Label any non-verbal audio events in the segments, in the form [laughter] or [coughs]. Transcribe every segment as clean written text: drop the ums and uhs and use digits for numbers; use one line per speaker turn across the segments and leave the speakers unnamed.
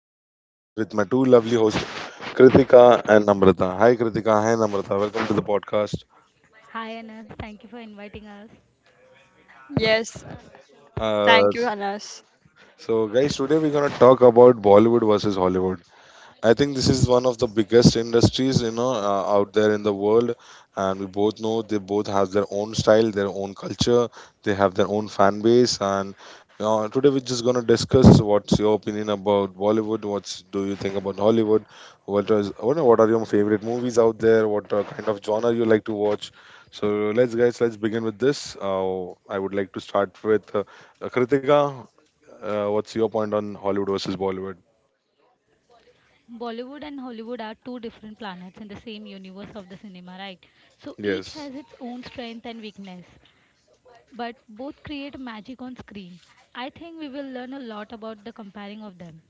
and here I'm with my two lovely hosts, Kritika and Namrata. Hi, Kritika. Hi, Namrata. Welcome to the podcast.
Hi Anas, thank you for inviting us.
Yes,
Uh,
thank you, Anas.
so, guys, today we're going to talk about Bollywood versus Hollywood. I think this is one of the biggest industries, out there in the world, and we both know they both have their own style, their own culture, they have their own fan base, and today we're just gonna discuss what's your opinion about Bollywood, what do you think about Hollywood, what are your favorite movies out there, what kind of genre you like to watch. So let's guys, let's begin with this. I would like to start with Kritika. What's your point on Hollywood versus Bollywood?
Bollywood and Hollywood are two different planets in the same universe of the cinema, right? So each has its
Yes.
own strength and weakness, but both create magic on screen. I think we will learn a lot about the comparing of them.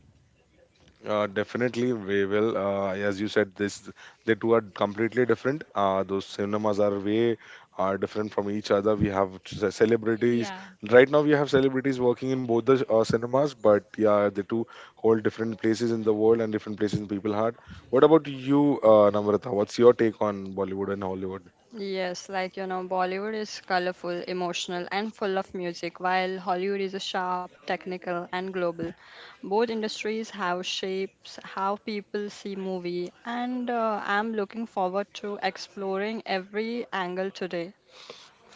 Definitely, we will. As you said, this the two are completely different. Those cinemas are way are different from each other. We have celebrities
Yeah,
right now. We have celebrities working in both the cinemas, but yeah, the two hold different places in the world and different places in people's heart. What about you, Namrata? What's your take on Bollywood and Hollywood?
Yes, like you know, Bollywood is colorful, emotional, and full of music, while Hollywood is sharp, technical, and global. Both industries have shapes how people see movie, and I'm looking forward to exploring every angle today.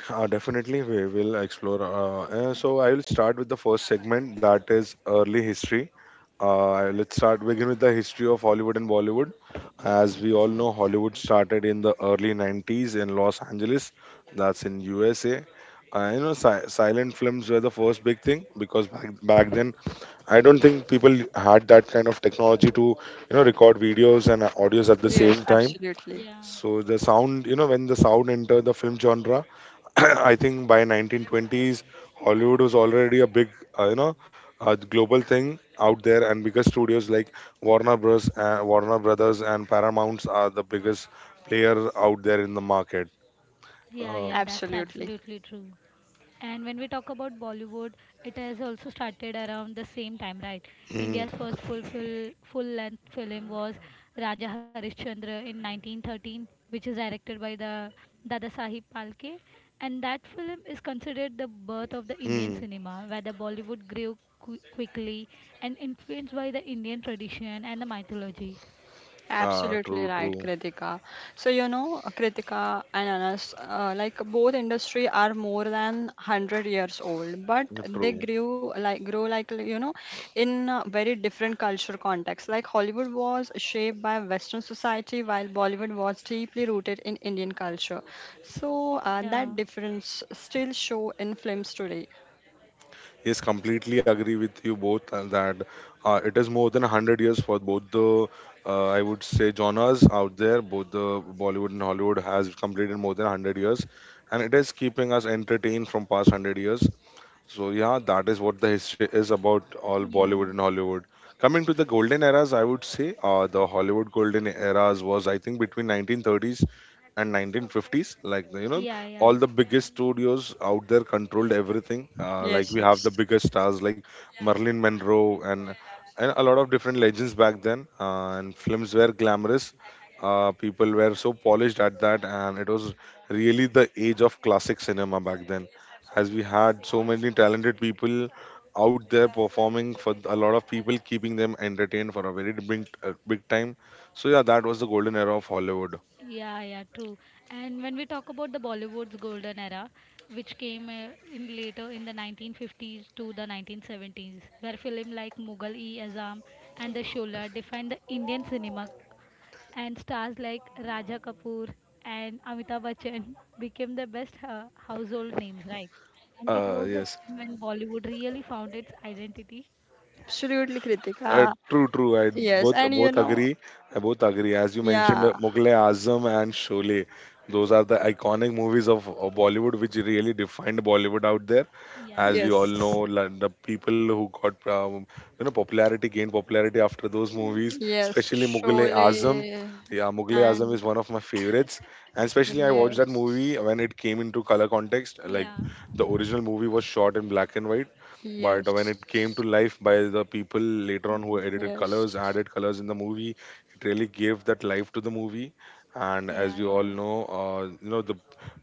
Definitely, we will explore. So I will start with the first segment, that is early history. Let's start begin with the history of Hollywood and Bollywood. As we all know, Hollywood started in the early 90s in Los Angeles, that's in USA. Silent films were the first big thing, because back then, I don't think people had that kind of technology to, record videos and audios at the
Yes,
same time.
absolutely,
yeah,
So the sound, when the sound entered the film genre, [clears throat] I think by 1920s, Hollywood was already a big, you know, a global thing out there, and biggest studios like Warner Bros. Warner Brothers and Paramounts are the biggest player out there in the market.
yeah,
Uh,
yeah, that's
absolutely.
absolutely true. And when we talk about Bollywood, it has also started around the same time, right? India's
mm,
first full length film was Raja Harishchandra in 1913, which is directed by the Dada Sahib Palke. And that film is considered the birth of the Indian
mm,
cinema, where the Bollywood grew quickly and influenced by the Indian tradition and the mythology.
ah,
Absolutely
true,
right,
true,
Kritika. So, you know, Kritika and Anas, like both industry are more than 100 years old, but they
true.
grew like grew like you know in a very different culture context. Like Hollywood was shaped by Western society, while Bollywood was deeply rooted in Indian culture. So
Yeah,
that difference still show in films today.
Yes, completely agree with you both, and that it is more than 100 years for both the, I would say, genres out there. Both the Bollywood and Hollywood has completed more than 100 years, and it is keeping us entertained from past 100 years. So yeah, that is what the history is about all
yeah,
Bollywood and Hollywood. Coming to the golden eras, I would say the Hollywood golden eras was, I think, between 1930s and 1950s. Like,
yeah, yeah.
all the biggest studios out there controlled everything. Like
Yes,
we have
yes.
the biggest stars like Marilyn Monroe and a lot of different legends back then. And films were glamorous. People were so polished at that, and it was really the age of classic cinema back then, as we had so many talented people out there performing for a lot of people, keeping them entertained for a very big time. So yeah, that was the golden era of Hollywood.
Yeah, yeah, true. And when we talk about the Bollywood's golden era, which came in later in the 1950s to the 1970s, where film like Mughal-e-Azam and The Shola defined the Indian cinema, and stars like Raja Kapoor and Amitabh Bachchan [laughs] became the best household names, right? And it was the
Yes.
time when Bollywood really found its identity.
Absolutely,
Uh,
Kritika.
True, true. I
Yes,
both
and you
both
know,
agree. I both agree. As you mentioned,
yeah,
Mughal-e Azam and Sholay, those are the iconic movies of Bollywood, which really defined Bollywood out there. As
Yeah,
we all know,
yes.
like, the people who got you know popularity gained popularity after those movies,
Yes,
especially Mughal-e Azam.
surely.
Yeah, Mughal-e Azam is
And
one of my favorites, and especially I watched that movie
yes,
when it came into color context. Like
yeah.
the original movie was shot in black and white, but when
yes,
it came to life by the people later on who
Mhm.
edited colors,
yes.
added colors in the movie, it really gave that life to the movie. And as we
Yeah,
all
yeah,
know, the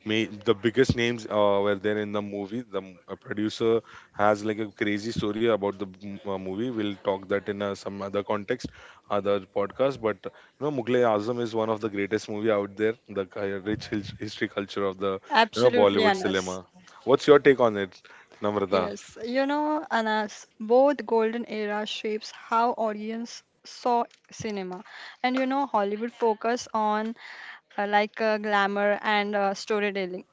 the biggest names were there in the movie. The producer has like a crazy story about the movie. We'll talk that in some other context, other podcast. Mughal-e Azam is one of the greatest movie out there. The rich history culture of the you know
Absolutely,
Bollywood
yeah,
Anas.
cinema. What's your take on it, Namrata?
Yes, you know, Anas, both golden era shapes how audience saw cinema. And you know, Hollywood focus on like glamour and storytelling.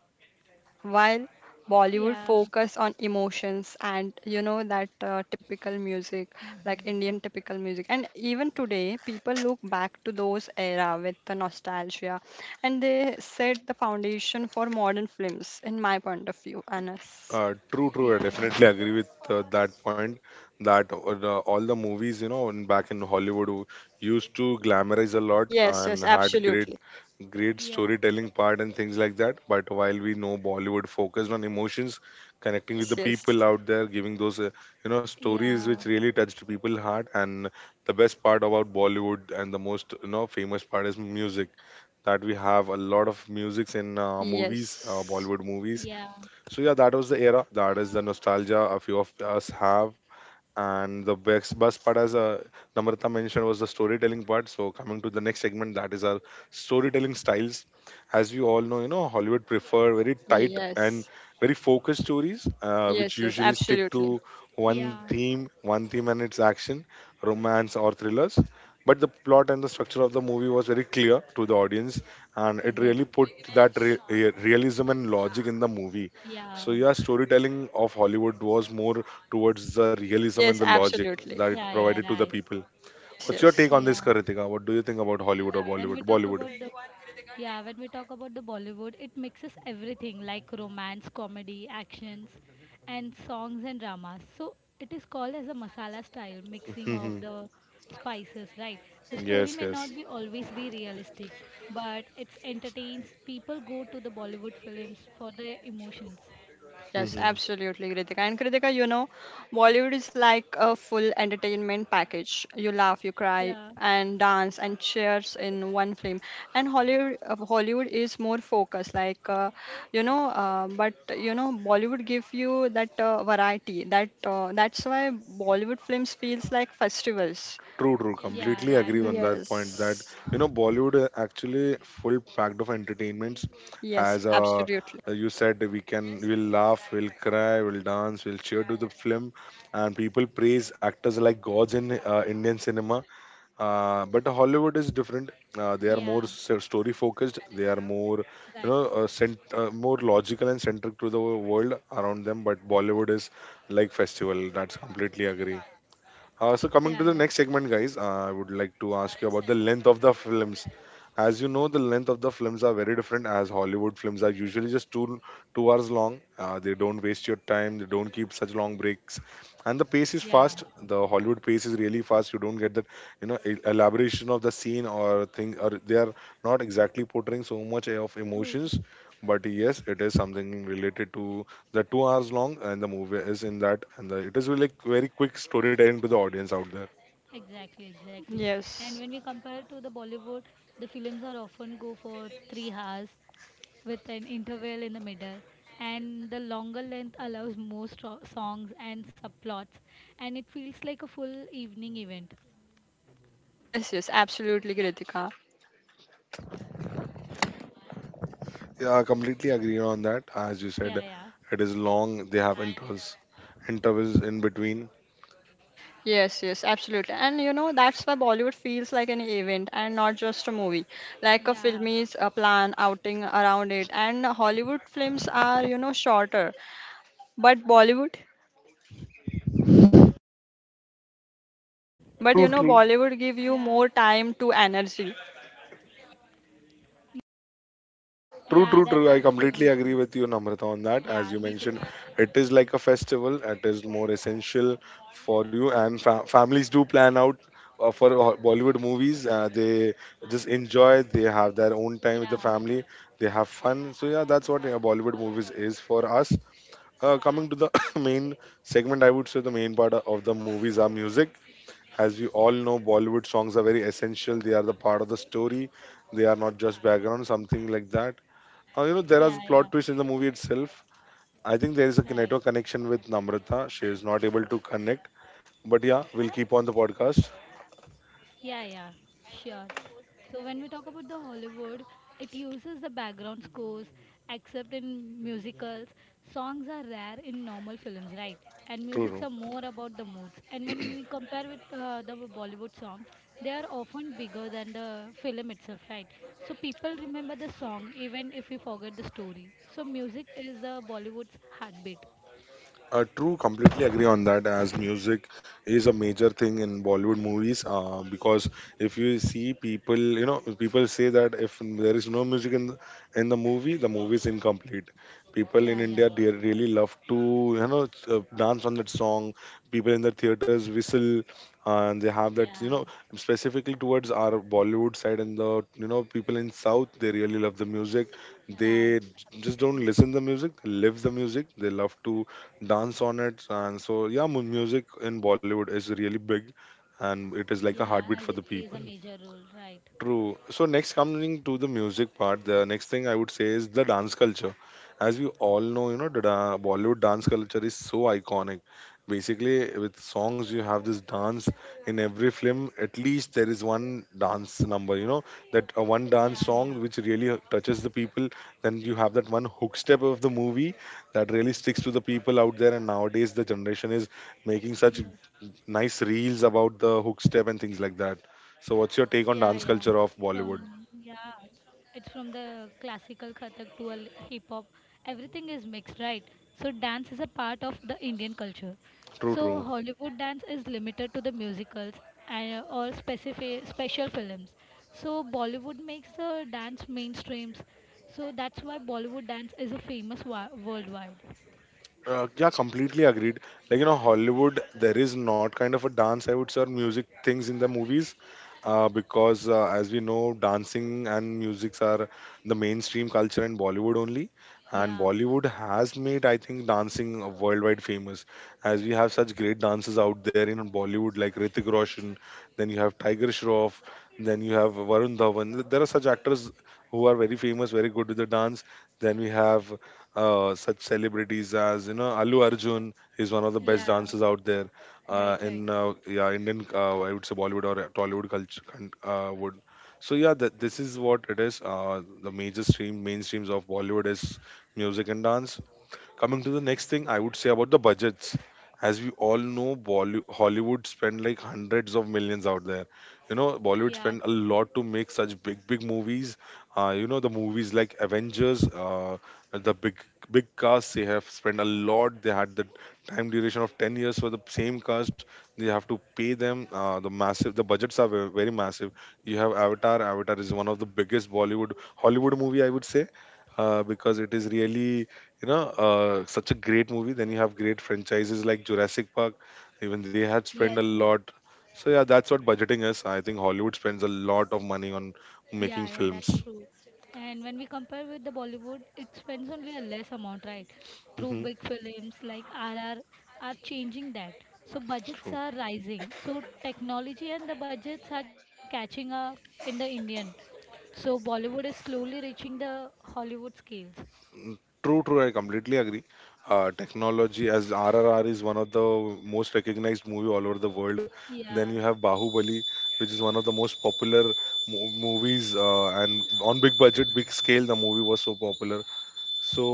While Bollywood
yeah,
focus on emotions and you know that typical music like Indian typical music, and even today people look back to those era with the nostalgia, and they set the foundation for modern films in my point of view, Anas.
True, true. I
yeah, yeah,
definitely agree with that point. That all the movies, back in Hollywood, used to glamorize a lot
Yes,
and
yes,
had great,
absolutely.
great
yeah.
storytelling part and things like that. But while we know Bollywood focused on emotions, connecting with
Yes,
the
yes,
people out there, giving those, stories which
Yeah,
really touched people's heart. And the best part about Bollywood, and the most, famous part, is music. That we have a lot of musics in movies,
yes,
Bollywood movies.
yeah,
So yeah, that was the era. That is the nostalgia a few of us have. And the best, best part, as Namrata mentioned, was the storytelling part. So coming to the next segment, that is our storytelling styles. As we all know, Hollywood prefer very tight and
yes,
very focused stories, which
yes, yes,
usually stick
absolutely,
to one
yeah,
theme, one theme and its action, romance, or thrillers. But the plot and the structure of the movie was very clear to the audience, and it really
exactly.
put that realism and logic in the movie.
Yeah,
So yeah, storytelling of Hollywood was more towards the realism and
yes,
the logic
absolutely,
that it
yeah, yeah,
provided to the
right.
people.
yes,
What's your
yes.
take on
Yeah,
this, Karitika? What do you think about Hollywood
yeah.
or
When we talk
bollywood
about the yeah, when we talk about the Bollywood, it mixes everything like romance, comedy, actions, and songs and dramas. So it is called as a masala style mixing of
bollywood
the spices, right? The
[laughs]
story
Yes,
may not
yes.
be always be realistic, but it entertains. People go to the Bollywood films for their emotions.
Yes,
[laughs]
absolutely, Kritika. And Kritika, you know, Bollywood is like a full entertainment package. You laugh, you cry,
Yeah,
and dance and cheers in one film. And Hollywood, Hollywood is more focused, like you know. But you know, Bollywood give you that variety. That's why Bollywood films feels like festivals.
True, true.
yeah,
Completely
right,
agree
right.
on that point. That
Yes.
Bollywood actually full packed of entertainments.
Yes,
As
absolutely.
you said, we'll laugh, we'll cry, we'll dance, we'll cheer to the film, and people praise actors like gods in Indian cinema. But Hollywood is different. They are
Yeah,
more story focused. They are
right.
more logical and centric to the world around them. But Bollywood is like festival. That's completely agree. So, coming to
Yeah,
the
yeah,
next segment, guys, I would like to ask you about the length of the film. As you know, the length of the films are very different. As Hollywood films are usually just two hours long. They don't waste your time. They don't keep such long breaks, and the pace is
yeah.
fast. The Hollywood pace is really fast. You don't get that elaboration of the scene or thing. Or they are not exactly portraying so much of
True,
emotions.
true.
But yes, it is something related to the 2 hours long, and the movie is in that, and it is really like very quick storytelling to the audience out there.
Exactly, exactly. And
Yes.
when we compare to the Bollywood, the films are often go for 3 hours with an interval in the middle, and the longer length allows more songs and subplots, and it feels like a full evening event.
Yes, yes, absolutely, Kritika.
Yeah, I completely agree on that. As you
Yeah,
said,
yeah,
it is long. They have intervals in between.
Yes, yes, absolutely. And you know, that's why Bollywood feels like an event and not just a movie. Like a film
yeah,
is a plan outing around it. And Hollywood films are, you know, shorter. But Bollywood, but you
True,
know,
true,
Bollywood give you more
yeah,
time to energy.
true, true,
yeah.
true.
That's
I completely
absolutely
agree
true.
with you, Namrata, on that. As you
Yeah, me too.
mentioned, it is like a festival. It is more essential for you, and families do plan out for Bollywood movies. They just enjoy. They have their own time with the
Yeah,
family. They have fun. So yeah, that's what Bollywood movies is for us. Coming to the [coughs] main segment, I would say the main part of the movies are music. As we all know, Bollywood songs are very essential. They are the part of the story. They are not just background, something like that. There are
yeah, yeah.
plot twists in the movie itself. I think there is a
Right.
network connection with Namrata. She is not able to connect. But yeah, we'll keep on the podcast.
Yeah, yeah, sure. So when we talk about the Hollywood, it uses the background scores, except in musicals. Songs are rare in normal films, right? And
True.
musics
True.
are more about the moods. And when we compare with the Bollywood songs, they are often bigger than the film itself, right? So people remember the song even if we forget the story. So music is Bollywood's heartbeat.
True, completely agree on that. As music is a major thing in Bollywood movies, because if you see people, people say that if there is no music in the movie, the movie is incomplete. People
Yeah,
in
yeah,
India, they really love to, dance on that song. People in the theaters whistle, and they have that,
yeah,
specifically towards our Bollywood side, and the, people in South, they really love the music.
yeah,
They just don't
absolutely.
listen the music, they live the music. They love to dance on it. And so yeah, music in Bollywood is really big, and it is like a
Yeah,
heartbeat for
as
the
it
people.
plays a major role, right?
True. So, next, coming to the music part, the next thing I would say is the dance culture. As we all know, the Bollywood dance culture is so iconic. Basically, with songs, you have this dance in every film. At least there is one dance number, you know, that one dance
Yeah,
song
yeah,
which really touches the people. Then you have that one hook step of the movie that really sticks to the people out there. And nowadays, the generation is making such
yes,
nice reels about the hook step and things like that. So, what's your
yeah,
take
yeah.
on dance culture of
From
Bollywood?
yeah, it's from the classical Kathak to hip hop. Everything is mixed, right? So dance is a part of the Indian culture.
True,
So
true.
Hollywood dance is limited to the musicals and or specific special films. So Bollywood makes the dance mainstreams. So that's why Bollywood dance is a famous worldwide.
Yeah, completely agreed. Hollywood, there is not kind of a dance, I would say, or music things in the movies, because as we know, dancing and musics are the mainstream culture in Bollywood only, and
Yeah,
Bollywood has made, I think, dancing worldwide famous, as we have such great dancers out there in Bollywood, like Hrithik Roshan, then you have Tiger Shroff, then you have Varun Dhawan. There are such actors who are very famous, very good with the dance. Then we have such celebrities as Alu Arjun is one of the best
yeah,
dancers out there uh,
right,
in
right.
uh, yeah Indian I would say Bollywood or Tollywood culture would. So yeah, this is what it is. The major stream mainstreams of Bollywood is music and dance. Coming to the next thing, I would say about the budgets. As we all know, Hollywood spend like hundreds of millions out there. You know, Bollywood
Yeah,
spend a
true.
lot to make such big, big movies. You know, the movies like Avengers, the big, big cast, they have spent a lot. They had the time duration of 10 years for the same cast. They have to pay them. The massive, the budgets are very massive. You have Avatar. Avatar is one of the biggest Bollywood, Hollywood movie, I would say because it is really such a great movie. Then you have great franchises like Jurassic Park. Even they had spent
Yes,
a
yes.
lot. So yeah, that's what budgeting is. I think Hollywood spends a lot of money on making
Yeah, yeah, that's
films.
true. And when we compare with the Bollywood, it spends only a less amount, right? Through
Hmm.
big films like R R, are changing that. So budgets
True.
are rising. So technology and the budgets are catching up in the Indian. So Bollywood is slowly reaching the Hollywood scales.
Mm, true, true, I completely agree. Technology, as RRR is one of the most recognized movie all over the world. Then you
Yeah,
have Bahubali, which is one of the most popular movies, and on big budget, big scale, the movie was so popular. So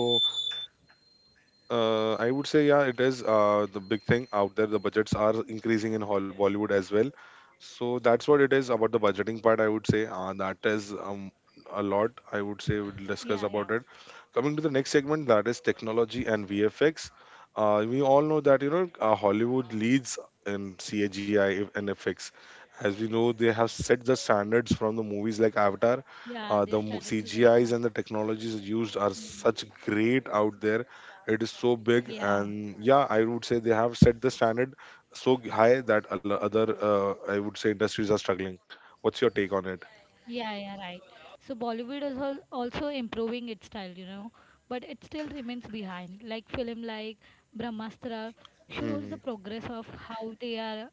I would say, yeah, it is the big thing out there. The budgets are increasing in Bollywood as well. So that's what it is about the budgeting part, I would say. That is a lot, I would say, we'll discuss
yeah,
about it.
yeah.
Coming to the next segment, that is technology and VFX. We all know that, Hollywood leads in CAGI and FX. As we know, they have set the standards from the movies like Avatar.
Yeah, their standards are
CGIs and the
very high.
technologies used are such
Mm.
great out there. It is so big, and
Yeah.
yeah, I would say they have set the standard so high that other, I would say, industries are struggling. What's your take on it?
Yeah, yeah, right. So Bollywood is al also improving its style, you know, but it still remains behind. Like film like Brahmastra shows the
Hmm.
progress of how they are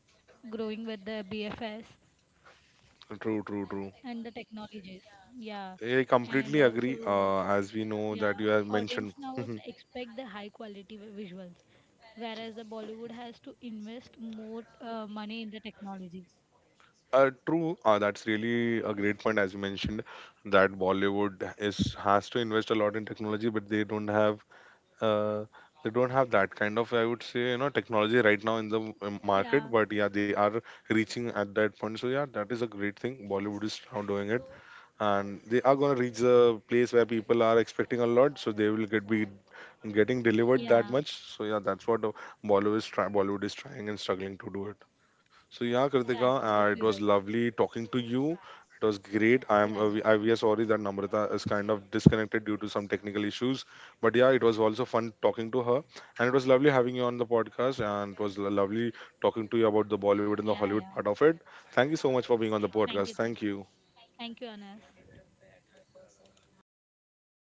growing with the BFS
True, true, true.
and the technologies. Yeah,
I
and
completely agree.
also
As we know that
yeah,
you have mentioned.
audience now
Mhm.
also expect the high quality visuals, whereas the Bollywood has to invest more money in the technology.
True. That's really a great point, as you mentioned, that Bollywood is has to invest a lot in technology, but uh, they don't have that kind of, I would say, you know, technology right now in the market,
Yeah,
but yeah, they are reaching at that point. So yeah, that is a great thing Bollywood is now doing it, and they are going to reach the place where people are expecting a lot, so they will get be getting delivered that
yeah,
much. So yeah, that's what Bollywood is Bollywood is trying and struggling to do it. So yeah,
yeah,
Kritika, it
absolutely
was
right.
lovely talking to you. It was great.
Yeah,
I am
I
we, I,
think-
We are sorry that Namrata is kind of disconnected due to some technical issues, but yeah, it was also fun talking to her, and it was lovely having you on the podcast, and it was lovely talking to you about the Bollywood and the
yeah,
Hollywood
yeah.
part of it. Thank you so much for being on the
Thank you,
podcast.
thank
Thank
you.
you.
Thank you, Anas.